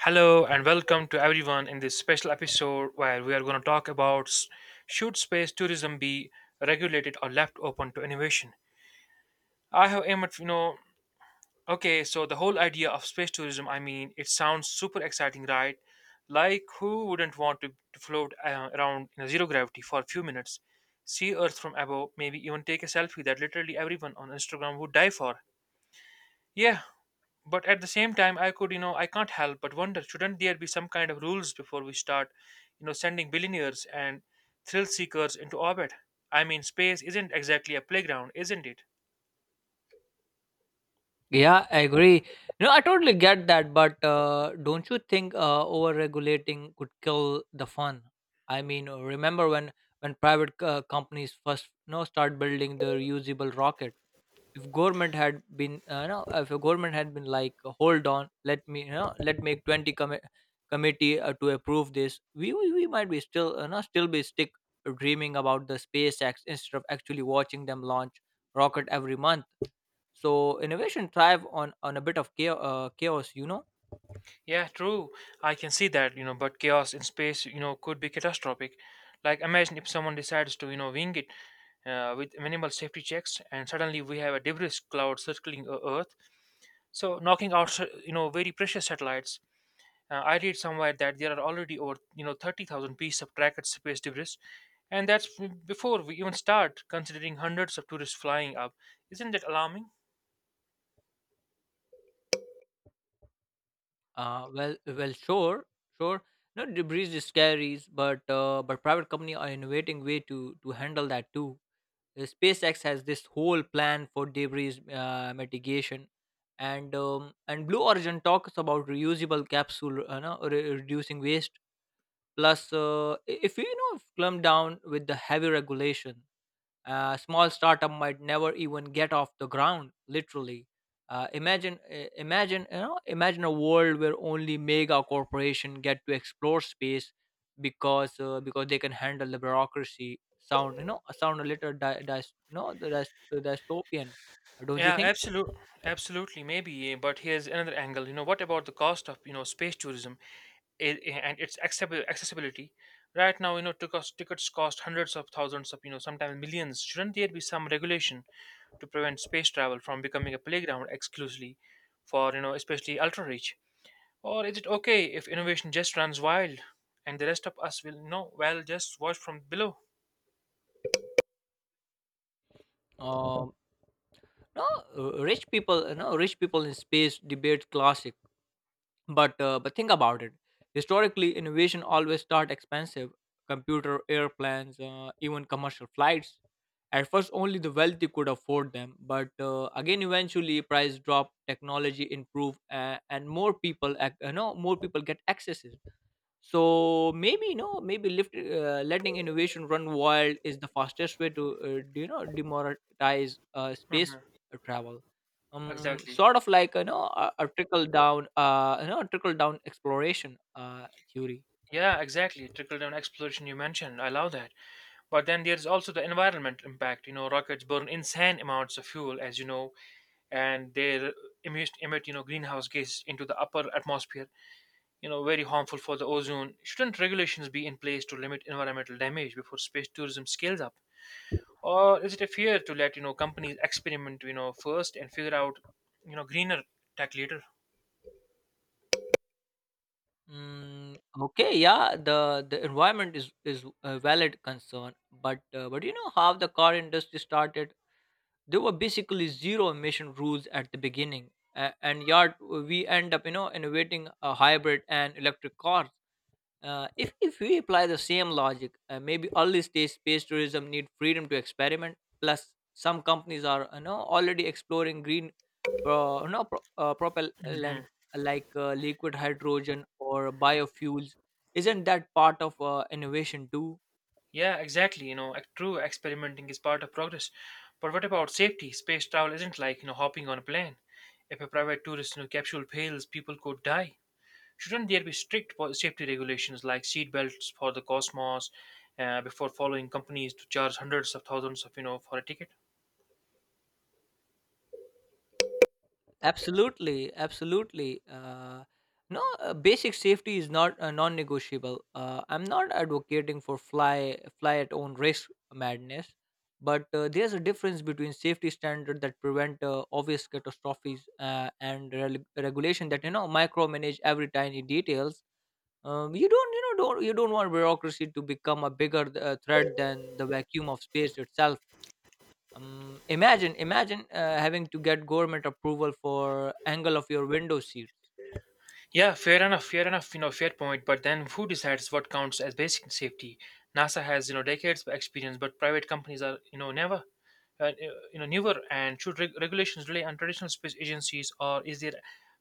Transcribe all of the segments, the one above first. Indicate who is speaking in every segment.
Speaker 1: Hello and welcome to everyone in this special episode where we are going to talk about should space tourism be regulated or left open to innovation. I have aimed at, okay, so the whole idea of space tourism, I mean, it sounds super exciting, right? Like, who wouldn't want to float around in zero gravity for a few minutes, see Earth from above, maybe even take a selfie that literally everyone on Instagram would die for? Yeah, but at the same time, I could you know I can't help but wonder, shouldn't there be some kind of rules before we start sending billionaires and thrill seekers into orbit? I mean, space isn't exactly a playground, isn't it?
Speaker 2: Yeah, I agree. No, I totally get that, but don't you think over-regulating could kill the fun? I mean, remember when private companies first no start building the reusable rocket? If government had been, if a government had been like, hold on, let me, you know, let make 20 committee to approve this, we might be still, no, still be stick dreaming about the SpaceX instead of actually watching them launch rocket every month. So innovation thrive on a bit of chaos, chaos, you know.
Speaker 1: Yeah, true. I can see that, but chaos in space, could be catastrophic. Like, imagine if someone decides to wing it with minimal safety checks and suddenly we have a debris cloud circling Earth, so knocking out very precious satellites. I read somewhere that there are already over 30,000 pieces of tracked space debris, and that's before we even start considering hundreds of tourists flying up. Isn't that alarming?
Speaker 2: Well, sure. Sure. No, debris is scary, but private company are innovating way to handle that too. SpaceX has this whole plan for debris mitigation, and Blue Origin talks about reusable capsule no, re- reducing waste. Plus if you know if clump down with the heavy regulation, a small startup might never even get off the ground, literally. Imagine, you know, imagine a world where only mega corporation get to explore space, because they can handle the bureaucracy. Sound, you know, sound a little, you know, the dystopian, don't you
Speaker 1: Yeah,
Speaker 2: think?
Speaker 1: absolutely, absolutely, maybe. But here's another angle. What about the cost of space tourism and its accessibility? Right now, tickets cost hundreds of thousands of, sometimes millions. Shouldn't there be some regulation to prevent space travel from becoming a playground exclusively for, especially ultra rich? Or is it okay if innovation just runs wild and the rest of us will know, well, just watch from below?
Speaker 2: Um, no, rich people, no, rich people in space debate classic. But think about it. Historically, innovation always start expensive. Computer, airplanes, even commercial flights. At first, only the wealthy could afford them. But again, eventually, price drop, technology improve, and more people, you know, more people get access. So maybe you know maybe lift, letting innovation run wild is the fastest way to do you know demoralize space
Speaker 1: Mhm.
Speaker 2: travel, um,
Speaker 1: Exactly.
Speaker 2: sort of like, you know, a trickle down, you know, a trickle down exploration theory.
Speaker 1: Yeah, exactly. Trickle down exploration you mentioned. I love that. But then there's also the environment impact. Rockets burn insane amounts of fuel, as you know, and they emit, greenhouse gas into the upper atmosphere, very harmful for the ozone. Shouldn't regulations be in place to limit environmental damage before space tourism scales up? Or is it a fear to let companies experiment first and figure out greener tech later?
Speaker 2: Mm, okay, yeah, the environment is a valid concern, but you know how the car industry started. There were basically zero emission rules at the beginning, and yard we end up you know innovating a hybrid and electric car. If we apply the same logic, maybe early stage space tourism need freedom to experiment. Plus, some companies are you know already exploring green, propellant
Speaker 1: Mhm.
Speaker 2: like liquid hydrogen or biofuels. Isn't that part of innovation too?
Speaker 1: Yeah, exactly, true, experimenting is part of progress. But what about safety? Space travel isn't like, hopping on a plane. If a private tourist, capsule fails, people could die. Shouldn't there be strict safety regulations like seat belts for the cosmos before following companies to charge hundreds of thousands of, for a ticket?
Speaker 2: Absolutely, absolutely. No, basic safety is not non-negotiable. I'm not advocating for fly at own risk madness, but there's a difference between safety standard that prevent obvious catastrophes and rel regulation that you know micromanage every tiny details. You don't, you know, don't you don't want bureaucracy to become a bigger threat than the vacuum of space itself. Imagine having to get government approval for angle of your window seats.
Speaker 1: Yeah, fair enough, fair enough, fair point. But then who decides what counts as basic safety? NASA has, decades of experience, but private companies are, never, uh, uh, newer. And should regulations rely on traditional space agencies, or is there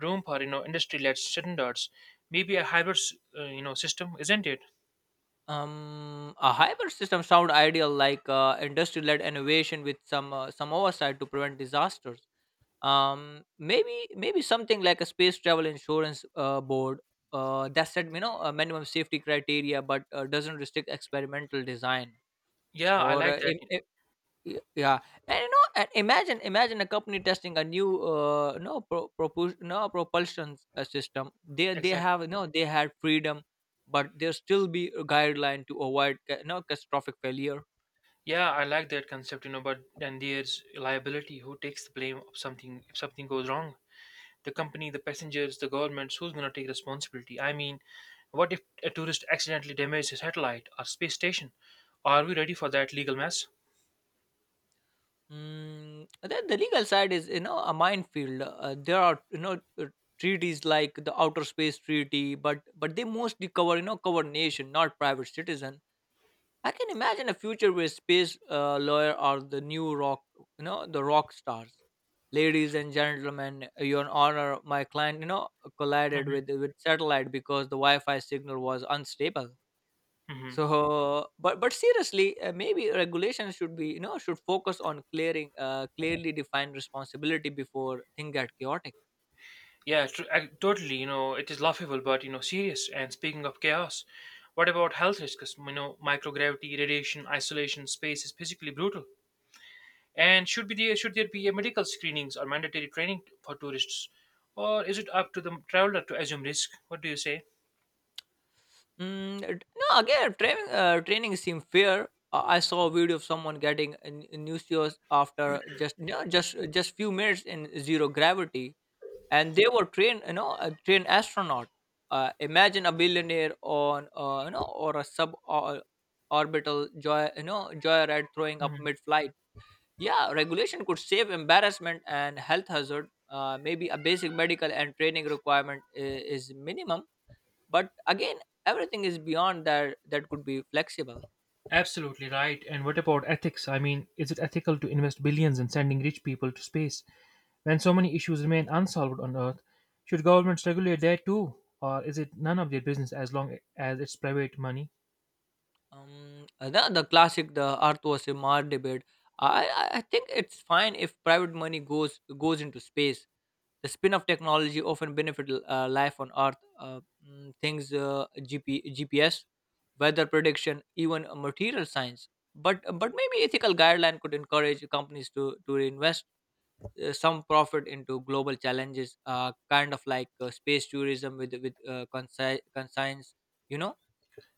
Speaker 1: room for, industry-led standards? Maybe a hybrid, system, isn't it?
Speaker 2: A hybrid system sound ideal, like industry-led innovation with some oversight to prevent disasters. Maybe something like a space travel insurance board that said, you know, a minimum safety criteria, but doesn't restrict experimental design.
Speaker 1: Yeah, I
Speaker 2: or
Speaker 1: like
Speaker 2: uh,
Speaker 1: that.
Speaker 2: im- i- Y- yeah and you know and imagine a company testing a new no pro, propus- no propulsion system. They
Speaker 1: Exactly.
Speaker 2: have you know they had freedom, but there still be a guideline to avoid you know catastrophic failure.
Speaker 1: Yeah, I like that concept, but then there's liability. Who takes the blame of something if something goes wrong? The company, the passengers, the governments, who's going to take responsibility? I mean, what if a tourist accidentally damages a satellite or space station? Are we ready for that legal mess?
Speaker 2: Then the legal side is you know a minefield. There are treaties like the outer space treaty, but they mostly cover you know cover nation, not private citizen. I can imagine a future where space lawyer are the new rock, you know, the rock stars. Ladies and gentlemen, your honor, my client, you know, collided
Speaker 1: Hmm.
Speaker 2: with satellite because the Wi-Fi signal was unstable.
Speaker 1: Hmm.
Speaker 2: So, but seriously, maybe regulation should be, you know, should focus on clearing, clearly defined responsibility before things get chaotic.
Speaker 1: Yeah, totally. It is laughable, but, serious. And speaking of chaos, what about health risks? Microgravity, radiation, isolation, space is physically brutal. And should there be a medical screenings or mandatory training for tourists, or is it up to the traveler to assume risk? What do you say?
Speaker 2: Mm, it- no, again, training training seemed fair. I saw a video of someone getting a a new after just you know, just few minutes in zero gravity, and they were trained, you know, a trained astronaut. Imagine a billionaire on, you know, or a sub or- orbital joy, you know, joyride throwing up mid-flight. Yeah, regulation could save embarrassment and health hazard. Maybe a basic medical and training requirement is minimum, but again everything is beyond that could be flexible.
Speaker 1: Absolutely right. And what about ethics? I mean, is it ethical to invest billions in sending rich people to space when so many issues remain unsolved on Earth? Should governments regulate there too? Or is it none of their business as long as it's private money?
Speaker 2: The, classic, the earth was a Mars debate. I I think it's fine if private money goes into space. The spin of technology often benefit life on earth. Things GPS, weather prediction, even material science. But maybe ethical guideline could encourage companies to reinvest some profit into global challenges, kind of like space tourism with conscience, you know.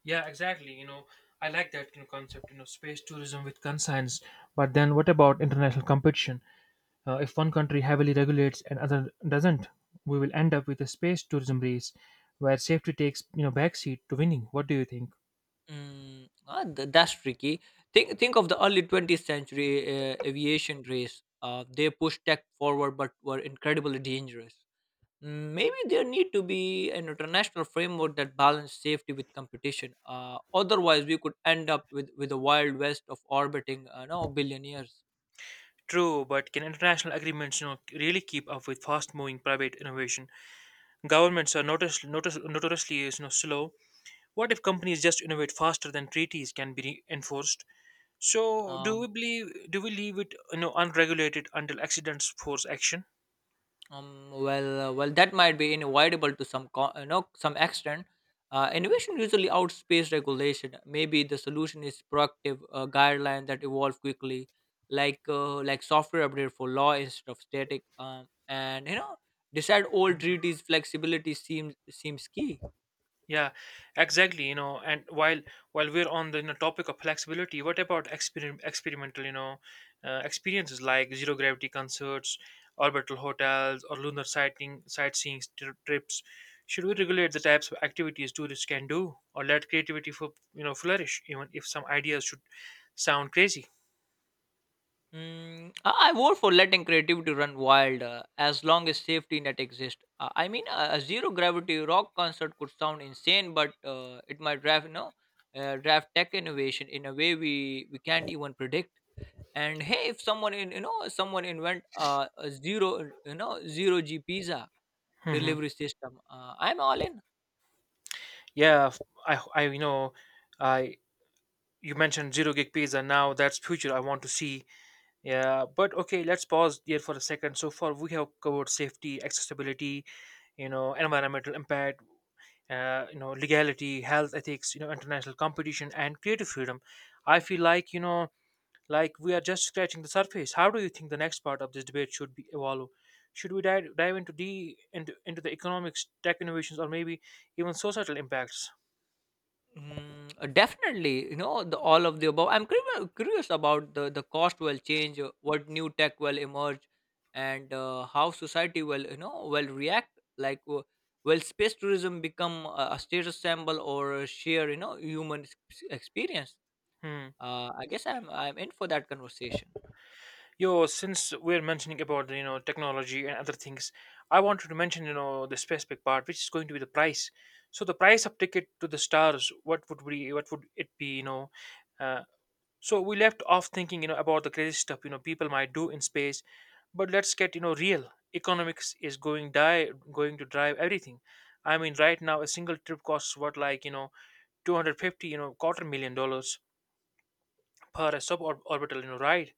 Speaker 1: Yeah, exactly. I like that, concept, space tourism with conscience. But then what about international competition? If one country heavily regulates and other doesn't, we will end up with a space tourism race where safety takes, backseat to winning. What do you think?
Speaker 2: That's tricky. Think of the early 20th century aviation race. They pushed tech forward, but were incredibly dangerous. Maybe there need to be an international framework that balance safety with competition. Otherwise, we could end up with, a wild west of orbiting, no, billionaires.
Speaker 1: True, but can international agreements, really keep up with fast-moving private innovation? Governments are notoriously, slow. What if companies just innovate faster than treaties can be enforced? So, do
Speaker 2: Um,
Speaker 1: we believe? Do we leave it, unregulated until accidents force action?
Speaker 2: well, that might be unavoidable to some, you know, some extent. Innovation usually outpaces regulation. Maybe the solution is proactive guidelines that evolve quickly, like software update for law instead of static. And you know, decide all treaties flexibility seems key.
Speaker 1: Yeah, exactly. And while we're on the, topic of flexibility, what about experimental, experiences like zero gravity concerts, orbital hotels, or lunar sighting sightseeing trips? Should we regulate the types of activities tourists can do, or let creativity for, flourish, even if some ideas should sound crazy?
Speaker 2: I vote for letting creativity run wild as long as safety net exists. I mean, a zero gravity rock concert could sound insane, but it might draft, you know, draft tech innovation in a way we can't even predict. And hey, if someone in you know someone invent a zero you know zero G pizza
Speaker 1: Hmm.
Speaker 2: delivery system, I'm all in.
Speaker 1: Yeah, I, I, you know, I you mentioned zero gig pizza. Now that's future. I want to see. Yeah, but okay, let's pause there for a second. So far, we have covered safety, accessibility, environmental impact, legality, health ethics, international competition, and creative freedom. I feel like, like we are just scratching the surface. How do you think the next part of this debate should be evolve? Should we dive into the economics, tech innovations, or maybe even societal impacts?
Speaker 2: Definitely, you know, the, all of the above. I'm curious about the cost will change, what new tech will emerge, and how society will, you know, will react. Like, will space tourism become a status symbol or a sheer, you know, human experience?
Speaker 1: Hmm.
Speaker 2: I guess I'm in for that conversation.
Speaker 1: Yo, since we're mentioning about technology and other things, I wanted to mention, the specific part, which is going to be the price. So the price of ticket to the stars, what would it be? Uh, so we left off thinking, about the crazy stuff, people might do in space, but let's get, real. Economics is going to drive everything. I mean, right now a single trip costs what, like, 250, quarter million dollars per a suborbital, ride.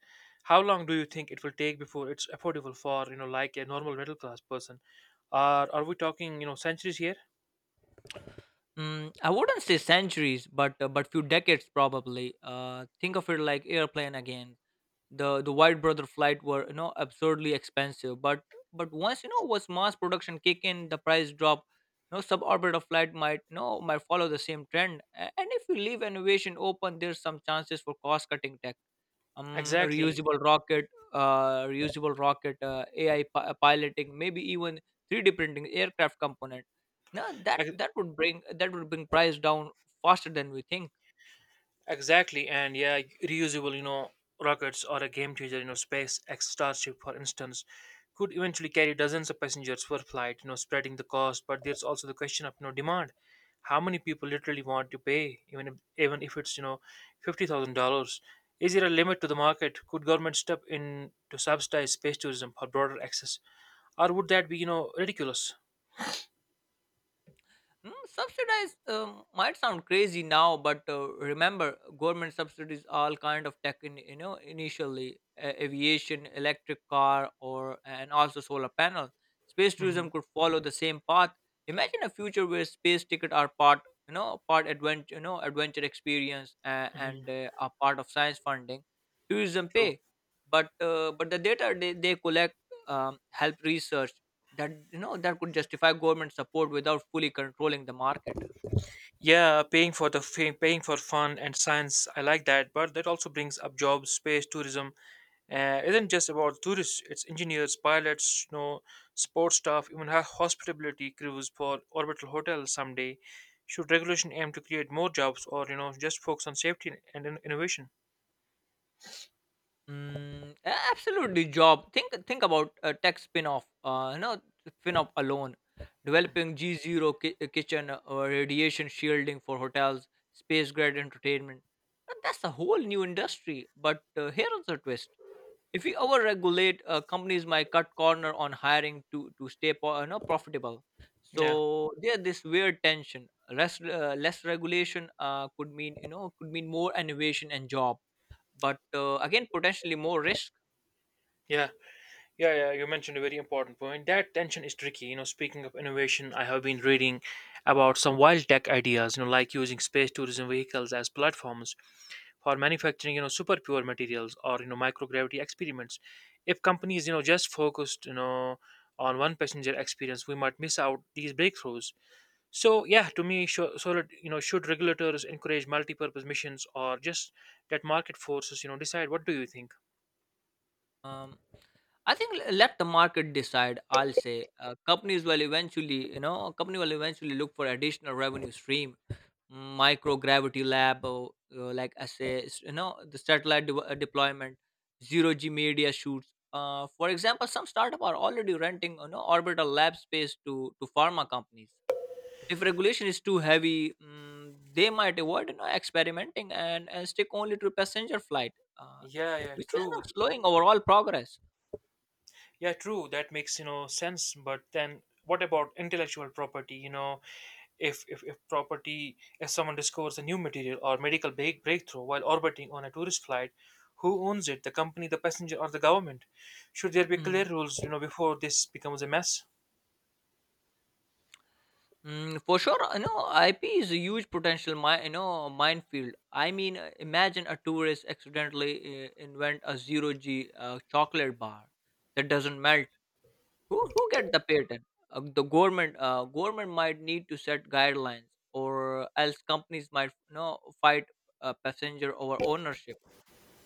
Speaker 1: How long do you think it will take before it's affordable for, like a normal middle class person? Or are we talking, centuries here?
Speaker 2: I wouldn't say centuries, but few decades probably. Think of it like airplane again. The White Brother flight were you know absurdly expensive, but once you know was mass production kick in, the price drop. No, suborbital flight might you know might follow the same trend. And if we leave innovation open, there's some chances for cost cutting. um, a
Speaker 1: Exactly.
Speaker 2: reusable rocket, reusable rocket, AI piloting, maybe even 3D printing aircraft component. Now that would bring price down faster than we think.
Speaker 1: Exactly, and yeah, reusable, rockets or a game changer, space Starship, for instance, could eventually carry dozens of passengers per flight, spreading the cost. But there's also the question of, demand. How many people literally want to pay, even if it's, $50,000? Is there a limit to the market? Could government step in to subsidize space tourism for broader access, or would that be, ridiculous?
Speaker 2: Subsidized might sound crazy now, but remember, government subsidies all kind of tech. You know, initially aviation, electric car, or and also solar panel. Space
Speaker 1: Hmm.
Speaker 2: tourism could follow the same path. Imagine a future where space ticket are part, you know, part adventure, you know, adventure experience, and are part of science funding. Tourism pay, but the data they collect, help research that you know that could justify government support without fully controlling the market.
Speaker 1: Yeah, paying for fun and science, I like that. But that also brings up jobs, space, tourism. Isn't just about tourists. It's engineers, pilots, sports staff, even hospitality crews for orbital hotels someday. Should regulation aim to create more jobs, or, just focus on safety and innovation?
Speaker 2: Absolutely job. Think about a tech spin-off, you know, spin-off alone, developing g zero kitchen or radiation shielding for hotels, space grade entertainment. That's a whole new industry. But here's the twist. If we overregulate, companies might cut corner on hiring to stay you know, profitable. So
Speaker 1: Yeah,
Speaker 2: there's this weird tension. Less regulation could mean you know could mean more innovation and job, but again potentially more risk.
Speaker 1: yeah, yeah, yeah. You mentioned a very important point. That tension is tricky. Speaking of innovation, I have been reading about some wild tech ideas. Like using space tourism vehicles as platforms for manufacturing, super pure materials or, microgravity experiments. If companies, just focused, on one passenger experience, we might miss out these breakthroughs. So yeah, to me, sure, so that, should regulators encourage multi-purpose missions or just that market forces, decide? What do you think?
Speaker 2: Um, I think let the market decide. I'll say companies will eventually you know company will eventually look for additional revenue stream, microgravity lab, or, like essays you know the satellite deployment, zero g media shoots, for example some startup are already renting you know orbital lab space to pharma companies. If regulation is too heavy, they might avoid you know, experimenting and, stick only to passenger flight, uh,
Speaker 1: Yeah, yeah,
Speaker 2: which is you
Speaker 1: true.
Speaker 2: know, slowing overall progress.
Speaker 1: Yeah, true, that makes, sense. But then, what about intellectual property, If someone discovers a new material or medical breakthrough while orbiting on a tourist flight, who owns it? The company, the passenger, or the government? Should there be
Speaker 2: Hmm.
Speaker 1: clear rules, before this becomes a mess?
Speaker 2: For sure, you know, IP is a huge potential, you know, minefield. I mean, imagine a tourist accidentally invent a zero G chocolate bar that doesn't melt. Who get the patent? The government. Government might need to set guidelines, or else companies might you know fight passenger over ownership.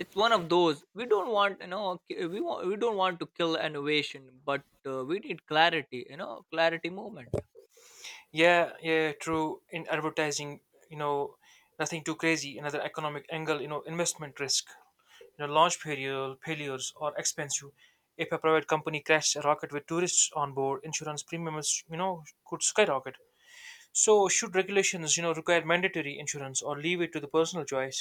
Speaker 2: It's one of those. We don't want you know we don't want to kill innovation, but we need clarity. You know, clarity movement.
Speaker 1: Yeah, yeah, true, in advertising, you know nothing too crazy. Another economic angle, investment risk, launch failures or expensive. If a private company crashes a rocket with tourists on board, insurance premiums, could skyrocket. So, should regulations, require mandatory insurance or leave it to the personal choice?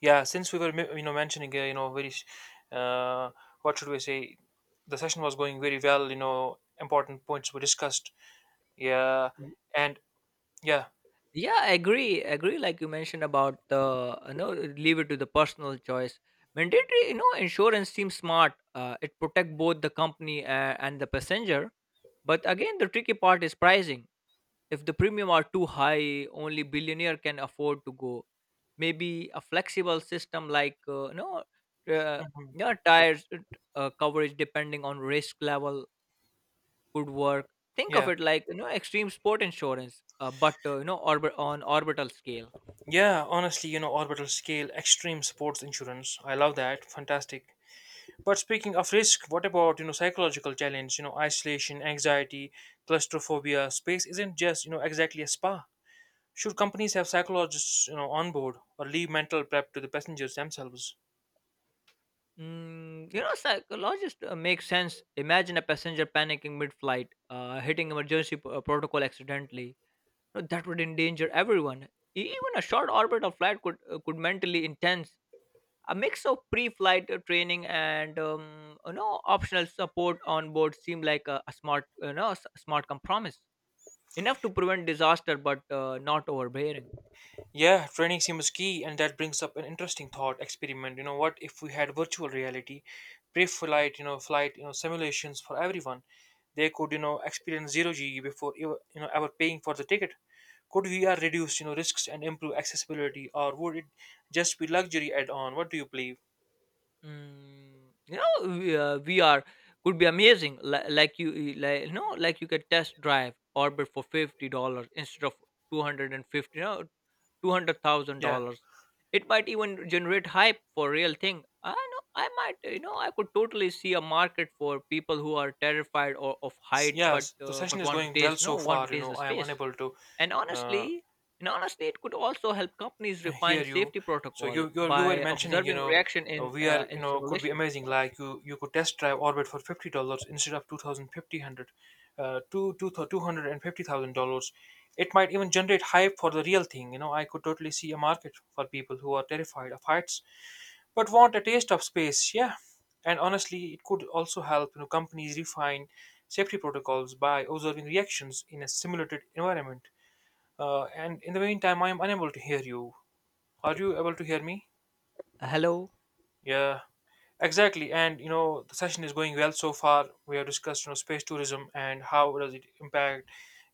Speaker 1: Yeah, since we were, mentioning, very, uh, what should we say? The session was going very well. Important points were discussed. Yeah, and yeah,
Speaker 2: Yeah, agree like you mentioned about the you know leave it to the personal choice. Mandatory you know insurance seems smart. It protect both the company and the passenger, but again the tricky part is pricing. If the premium are too high, only billionaire can afford to go. Maybe a flexible system, like uh,
Speaker 1: mhm,
Speaker 2: you know, tires, coverage depending on risk level, could work. Think of
Speaker 1: yeah,
Speaker 2: it like you know extreme sport insurance, but you know orbit on orbital scale.
Speaker 1: yeah. Honestly, orbital scale extreme sports insurance. I love that. Fantastic. But speaking of risk, what about, psychological challenge? Isolation, anxiety, claustrophobia. Space isn't just, exactly a spa. Should companies have psychologists, on board or leave mental prep to the passengers themselves?
Speaker 2: You know, psychologist makes sense. Imagine a passenger panicking mid-flight, hitting emergency protocol accidentally. No, that would endanger everyone. Even a short orbit of flight could mentally intense. A mix of pre-flight training and you know optional support on board seem like a smart you know smart compromise, enough to prevent disaster but not overbearing.
Speaker 1: Yeah, training seems key, and that brings up an interesting thought experiment. You know what? If we had virtual reality, pre-flight, flight, simulations for everyone, they could, experience zero G before ever, you know ever paying for the ticket. Could VR reduce, risks and improve accessibility, or would it just be luxury add-on? What do you believe?
Speaker 2: You know, VR could be amazing. Like you know, like you could test drive Orbit for $50 instead of 250, you know, two hundred thousand
Speaker 1: Yeah,
Speaker 2: dollars. It might even generate hype for real thing. I know. I might, you know, I could totally see a market for people who are terrified or of height, but
Speaker 1: Yes. The session is
Speaker 2: want to
Speaker 1: going well
Speaker 2: taste, you know,
Speaker 1: so
Speaker 2: want to
Speaker 1: far.
Speaker 2: taste the
Speaker 1: I am
Speaker 2: space.
Speaker 1: unable to
Speaker 2: And
Speaker 1: uh,
Speaker 2: honestly, and honestly, it could also help companies
Speaker 1: hear
Speaker 2: refine
Speaker 1: you.
Speaker 2: safety
Speaker 1: So
Speaker 2: protocol
Speaker 1: you were
Speaker 2: by
Speaker 1: mentioning,
Speaker 2: observing reaction in
Speaker 1: we are, could be
Speaker 2: simulation.
Speaker 1: amazing. Like you could test drive orbit for $50 instead of 2050, two hundred and fifty thousand dollars. It might even generate hype for the real thing. I could totally see a market for people who are terrified of heights but want a taste of space. Yeah. And honestly, it could also help, companies refine safety protocols by observing reactions in a simulated environment. And in the meantime, I am unable to hear you. Are you able to hear me?
Speaker 2: Hello,
Speaker 1: Yeah, exactly. And, the session is going well so far. We have discussed, space tourism and how does it impact,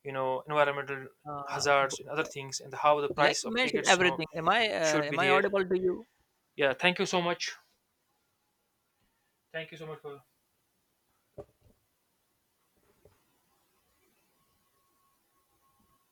Speaker 1: environmental
Speaker 2: uh, b-
Speaker 1: hazards and other things, and how the
Speaker 2: like
Speaker 1: price
Speaker 2: you
Speaker 1: of
Speaker 2: mentioned
Speaker 1: tickets,
Speaker 2: everything. Am I uh,
Speaker 1: should be
Speaker 2: am I
Speaker 1: there.
Speaker 2: audible to you?
Speaker 1: Yeah, thank you so much. Thank you so much for